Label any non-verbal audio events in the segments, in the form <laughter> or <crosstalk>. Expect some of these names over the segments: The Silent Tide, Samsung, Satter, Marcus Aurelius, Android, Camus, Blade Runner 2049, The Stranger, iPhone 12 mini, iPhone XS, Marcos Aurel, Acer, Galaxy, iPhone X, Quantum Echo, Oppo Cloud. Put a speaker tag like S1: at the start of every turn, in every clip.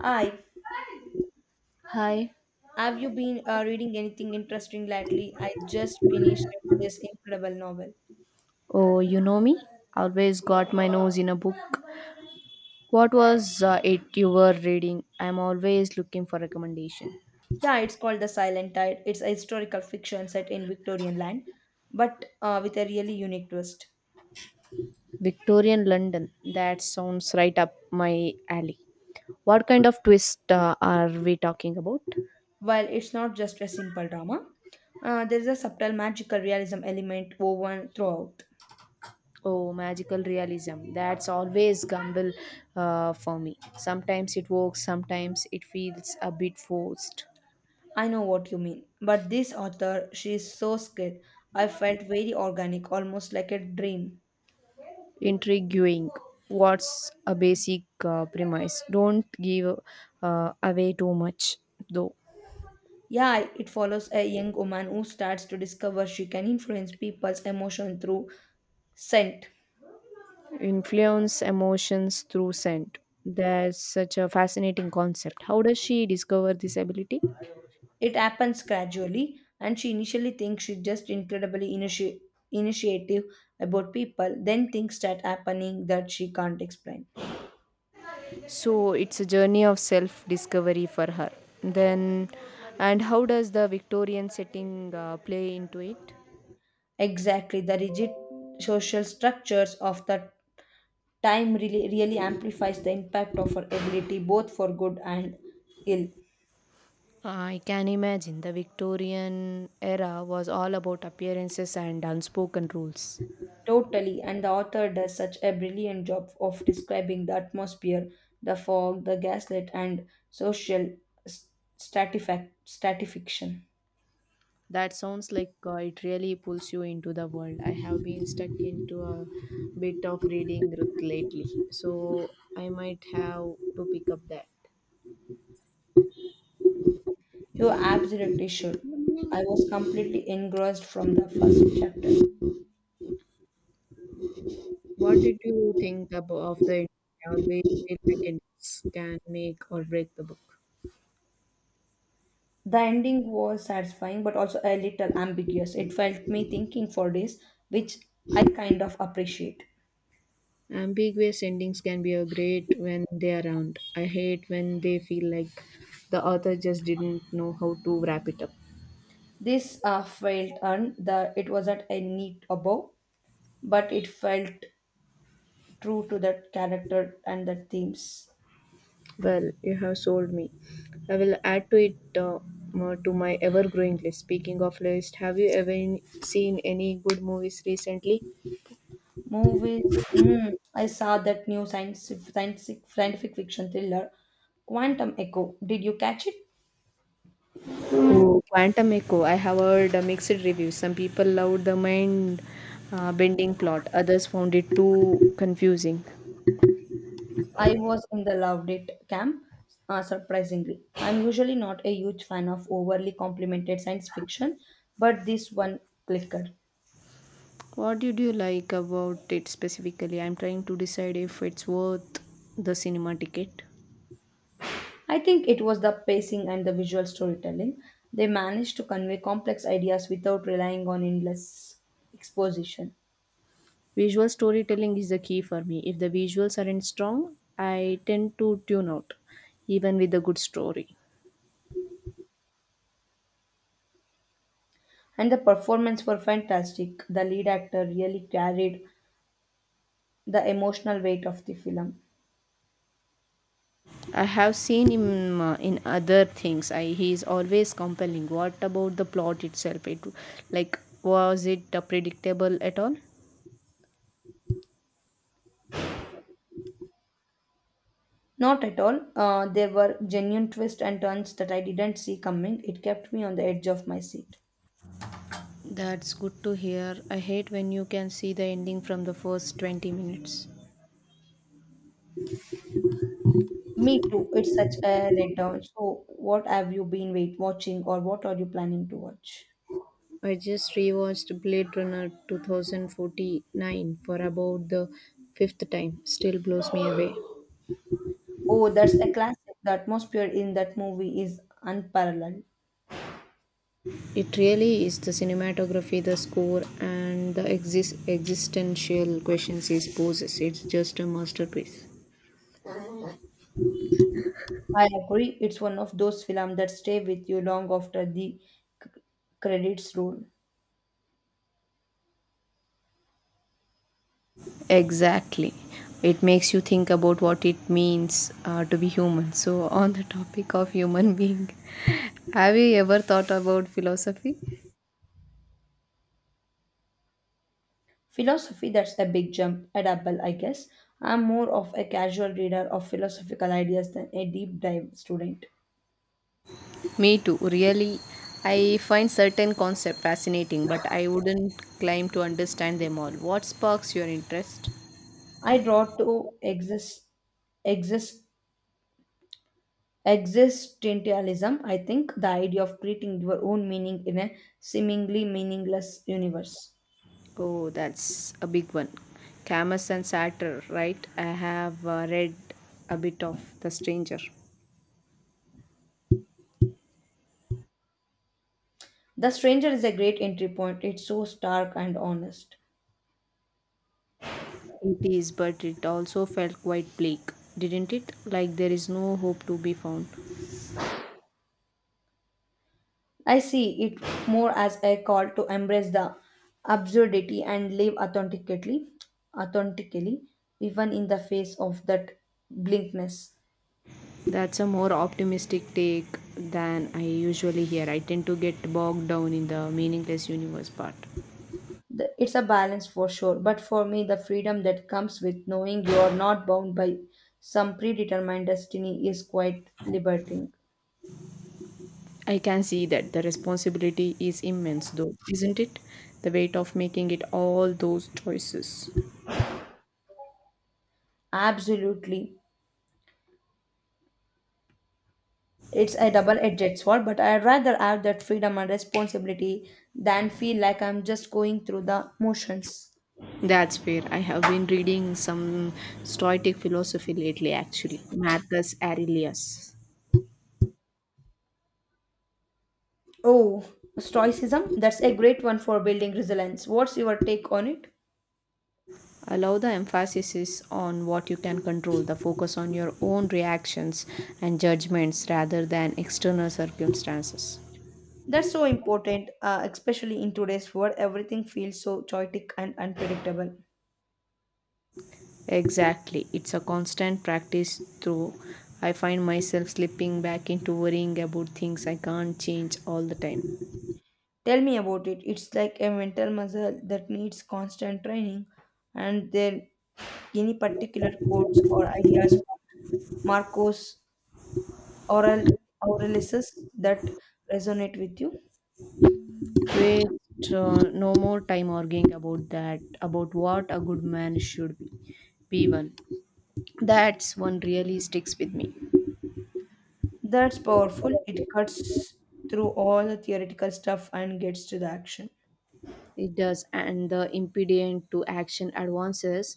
S1: Hi,
S2: Hi.
S1: have you been reading anything interesting lately? I just finished this incredible novel.
S2: Oh, you know me? Always got my nose in a book. What was it you were reading? I'm always looking for recommendation.
S1: Yeah, it's called The Silent Tide. It's a historical fiction set in Victorian land, but with a really unique twist.
S2: Victorian London. That sounds right up my alley. What kind of twist are we talking about?
S1: While it's not just a simple drama, there's a subtle magical realism element woven throughout.
S2: Oh, magical realism. That's always gamble for me. Sometimes it works, sometimes it feels a bit forced.
S1: I know what you mean, but this author, she is so skilled. I felt very organic, almost like a dream.
S2: Intriguing. What's a basic premise? Don't give away too much, though.
S1: Yeah, it follows a young woman who starts to discover she can influence people's emotion through scent.
S2: Influence emotions through scent. That's such a fascinating concept. How does she discover this ability?
S1: It happens gradually, and she initially thinks she's just incredibly initiative about people. Then things start happening that she can't explain.
S2: So it's a journey of self discovery for her. Then, and how does the Victorian setting play into it?
S1: Exactly, the rigid social structures of the time really, really amplifies the impact of her ability, both for good and ill.
S2: I can imagine the Victorian era was all about appearances and unspoken rules.
S1: Totally, and the author does such a brilliant job of describing the atmosphere, the fog, the gaslit, and social s- stratification.
S2: That sounds like it really pulls you into the world. I have been stuck into a bit of reading rut lately, so I might have to pick up that.
S1: You absolutely should. I was completely engrossed from the first chapter.
S2: What did you think about of the ending? I always feel like endings can make or break the book.
S1: The ending was satisfying but also a little ambiguous. It felt me thinking for days, which I kind of appreciate.
S2: Ambiguous endings can be a great when they are around. I hate when they feel like the author just didn't know how to wrap it up.
S1: This felt earned, the, it wasn't a neat above, but it felt true to that character and that themes.
S2: Well, you have sold me. I will add to it more to my ever-growing list. Speaking of list, have you ever seen any good movies recently?
S1: Movies. Mm, I saw that new science, scientific scientific fiction thriller, Quantum Echo. Did you catch it?
S2: Oh, Quantum Echo. I have heard a mixed reviews. Some people loved the mind-bending plot. Others found it too confusing.
S1: I was in the loved it camp. Surprisingly, I'm usually not a huge fan of overly complimented science fiction, but this one clicked.
S2: What did you like about it specifically? I'm trying to decide if it's worth the cinema ticket.
S1: I think it was the pacing and the visual storytelling. They managed to convey complex ideas without relying on endless exposition.
S2: Visual storytelling is the key for me. If the visuals aren't strong, I tend to tune out, even with a good story.
S1: And the performance were fantastic. The lead actor really carried the emotional weight of the film.
S2: I have seen him in other things. He is always compelling. What about the plot itself? It like was it predictable at all?
S1: Not at all. There were genuine twists and turns that I didn't see coming. It kept me on the edge of my seat.
S2: That's good to hear. I hate when you can see the ending from the first 20 minutes.
S1: Me too. It's such a letdown. So, what have you been wait watching, or what are you planning to watch?
S2: I just rewatched Blade Runner 2049 for about the fifth time. Still blows me away.
S1: Oh, that's a classic. The atmosphere in that movie is unparalleled.
S2: It really is the cinematography, the score, and the existential questions it poses. It's just a masterpiece.
S1: I agree. It's one of those films that stay with you long after the c- credits roll.
S2: Exactly. It makes you think about what it means to be human. So, on the topic of human being, <laughs> have you ever thought about philosophy?
S1: Philosophy, that's the big jump at Apple, I guess. I'm more of a casual reader of philosophical ideas than a deep dive student.
S2: Me too. Really, I find certain concepts fascinating, but I wouldn't claim to understand them all. What sparks your interest?
S1: I draw to exist, existentialism, I think, the idea of creating your own meaning in a seemingly meaningless universe.
S2: Oh, that's a big one. Camus and Satter, right? I have read a bit of The Stranger.
S1: The Stranger is a great entry point, it's so stark and honest.
S2: It is, but it also felt quite bleak, didn't it? Like there is no hope to be found.
S1: I see it more as a call to embrace the absurdity and live authentically, even in the face of that blinkness.
S2: That's a more optimistic take than I usually hear. I tend to get bogged down in the meaningless universe part.
S1: It's a balance for sure, but for me, the freedom that comes with knowing you are not bound by some predetermined destiny is quite liberating.
S2: I can see that the responsibility is immense, though, isn't it? The weight of making it all those choices.
S1: Absolutely. It's a double edged sword, but I'd rather have that freedom and responsibility than feel like I'm just going through the motions.
S2: That's fair. I have been reading some Stoic philosophy lately, actually. Marcus Aurelius.
S1: Oh, stoicism. That's a great one for building resilience. What's your take on it?
S2: Allow the emphasis on what you can control, the focus on your own reactions and judgments rather than external circumstances.
S1: That's so important, especially in today's world. Everything feels so chaotic and unpredictable.
S2: Exactly. It's a constant practice, though I find myself slipping back into worrying about things I can't change all the time.
S1: Tell me about it. It's like a mental muscle that needs constant training. And then, any particular quotes or ideas from Aurel, Aurelius that resonate with you?
S2: Waste no more time arguing about that, about what a good man should be. P1. That's one really sticks with me.
S1: That's powerful. It cuts through all the theoretical stuff and gets to the action.
S2: It does, and the impediment to action advances.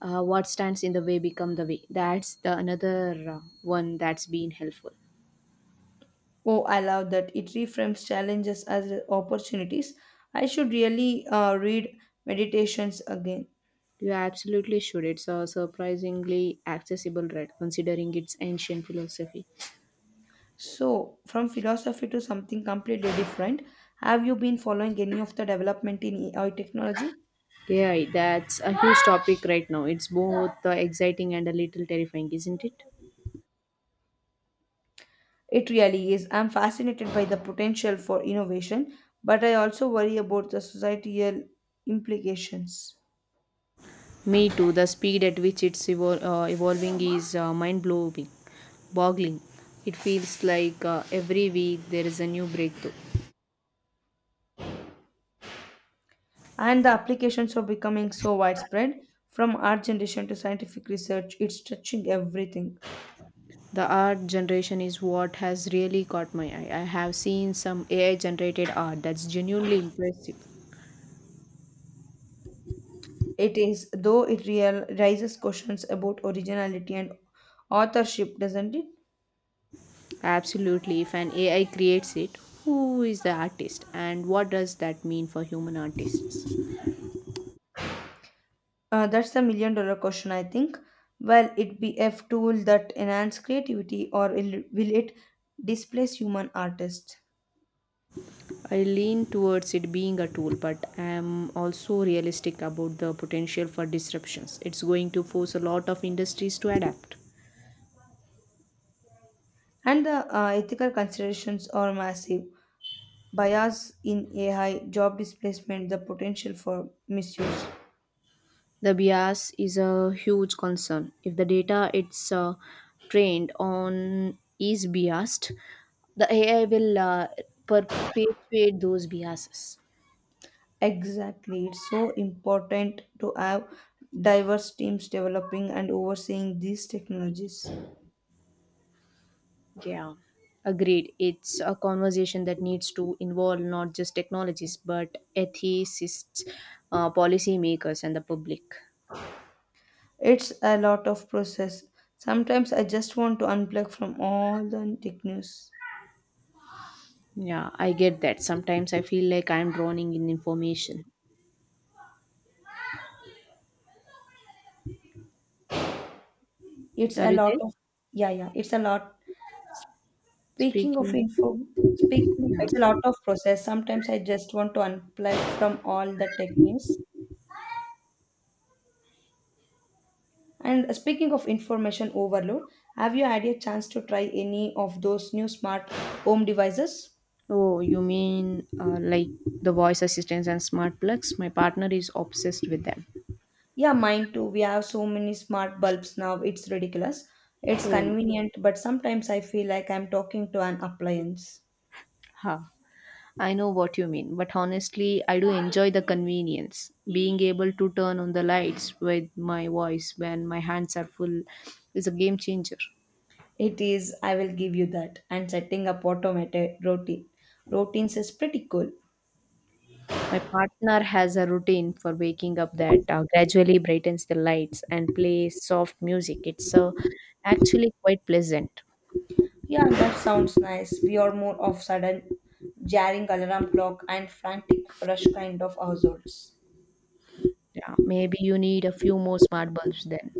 S2: What stands in the way become the way. That's the another one that's been helpful.
S1: Oh, I love that. It reframes challenges as opportunities. I should really read Meditations again.
S2: You absolutely should. It's a surprisingly accessible read, considering its ancient philosophy.
S1: So, from philosophy to something completely different, have you been following any of the development in AI technology?
S2: AI, that's a huge topic right now. It's both exciting and a little terrifying, isn't it?
S1: It really is. I'm fascinated by the potential for innovation, but I also worry about the societal implications.
S2: Me too. The speed at which it's evolving is boggling. It feels like every week there is a new breakthrough.
S1: And the applications are becoming so widespread from art generation to scientific research. It's touching everything.
S2: The art generation is what has really caught my eye. I have seen some AI-generated art that's genuinely impressive.
S1: It is, though raises questions about originality and authorship, doesn't it?
S2: Absolutely, if an AI creates it, who is the artist, and what does that mean for human artists?
S1: That's the $1 million question, I think. Will it be a tool that enhance creativity, or will it displace human artists?
S2: I lean towards it being a tool, but I am also realistic about the potential for disruptions. It's going to force a lot of industries to adapt.
S1: And the ethical considerations are massive. Bias in AI, job displacement, the potential for misuse.
S2: The bias is a huge concern. If the data it's trained on is biased, the AI will perpetuate those biases.
S1: Exactly. It's so important to have diverse teams developing and overseeing these technologies.
S2: Yeah, agreed. It's a conversation that needs to involve not just technologists but ethicists, policymakers, and the public.
S1: It's a lot of process. Sometimes I just want to unplug from all the tech news.
S2: Yeah, I get that. Sometimes I feel like I'm drowning in information.
S1: It's
S2: Are
S1: a
S2: you
S1: lot
S2: there?
S1: of yeah, yeah. It's a lot. Speaking of
S2: Speaking.
S1: info, speaking,
S2: Yeah.
S1: it's a lot of process. Sometimes I just want to unplug from all the tech news. And speaking of information overload, have you had a chance to try any of those new smart home devices?
S2: Oh, you mean like the voice assistants and smart plugs? My partner is obsessed with them.
S1: Yeah, mine too. We have so many smart bulbs now, it's ridiculous. It's
S2: Oh,
S1: convenient, but sometimes I feel like I'm talking to an appliance.
S2: ha. I know what you mean, but honestly, I do enjoy the convenience. Being able to turn on the lights with my voice when my hands are full is a game changer.
S1: It is, I will give you that. And setting up automated routines is pretty cool.
S2: My partner has a routine for waking up that gradually brightens the lights and plays soft music. It's actually quite pleasant.
S1: Yeah, that sounds nice. We are more of sudden jarring alarm clock and frantic rush kind of households.
S2: Yeah, maybe you need a few more smart bulbs then.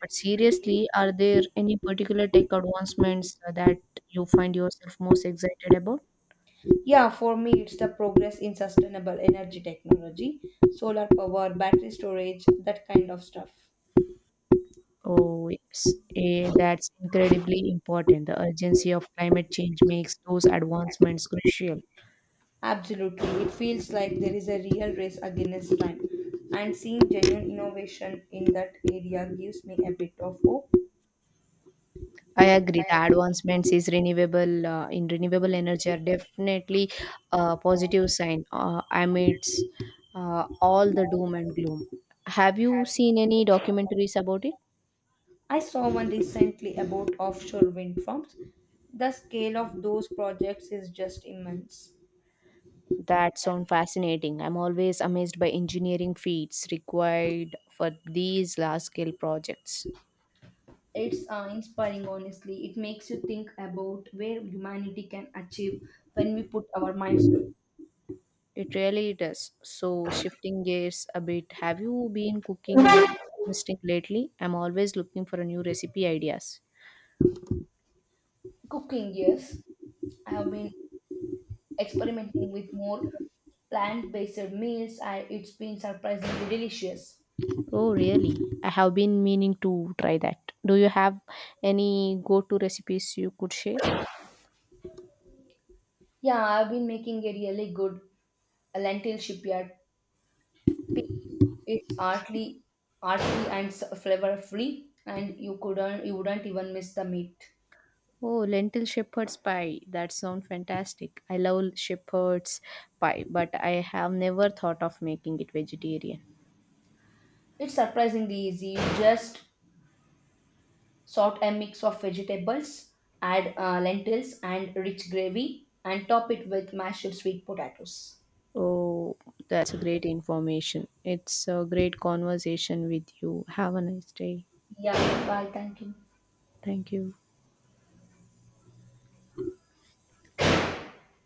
S2: But seriously, are there any particular tech advancements that you find yourself most excited about?
S1: Yeah, for me, it's the progress in sustainable energy technology, solar power, battery storage, that kind of stuff.
S2: Oh, yes. Eh, that's incredibly important. The urgency of climate change makes those advancements crucial.
S1: Absolutely. It feels like there is a real race against time. And seeing genuine innovation in that area gives me a bit of hope.
S2: I agree. The
S1: I agree.
S2: advancements is renewable in renewable energy are definitely a positive sign amidst all the doom and gloom. Have you seen any documentaries about it?
S1: I saw one recently about offshore wind farms. The scale of those projects is just immense.
S2: That sound fascinating. I'm always amazed by engineering feats required for these large scale projects.
S1: It's inspiring, honestly. It makes you think about where humanity can achieve when we put our minds to it.
S2: It really does. So shifting gears a bit, have you been cooking anything interesting lately? I'm always looking for a new recipe ideas.
S1: Cooking, yes. I have been experimenting with more plant-based meals and it's been surprisingly delicious.
S2: Oh, really? I have been meaning to try that. Do you have any go to recipes you could share?
S1: Yeah, I've been making a really good lentil shipyard. It's artly, and flavor-free, and you wouldn't even miss the meat.
S2: Oh, lentil shepherd's pie. That sounds fantastic. I love shepherd's pie, but I have never thought of making it vegetarian.
S1: It's surprisingly easy. You just sort a mix of vegetables, add lentils and rich gravy, and top it with mashed sweet potatoes.
S2: Oh, that's a great information. It's a great conversation with you. Have a nice day.
S1: Yeah, bye. Thank you.
S2: Thank you.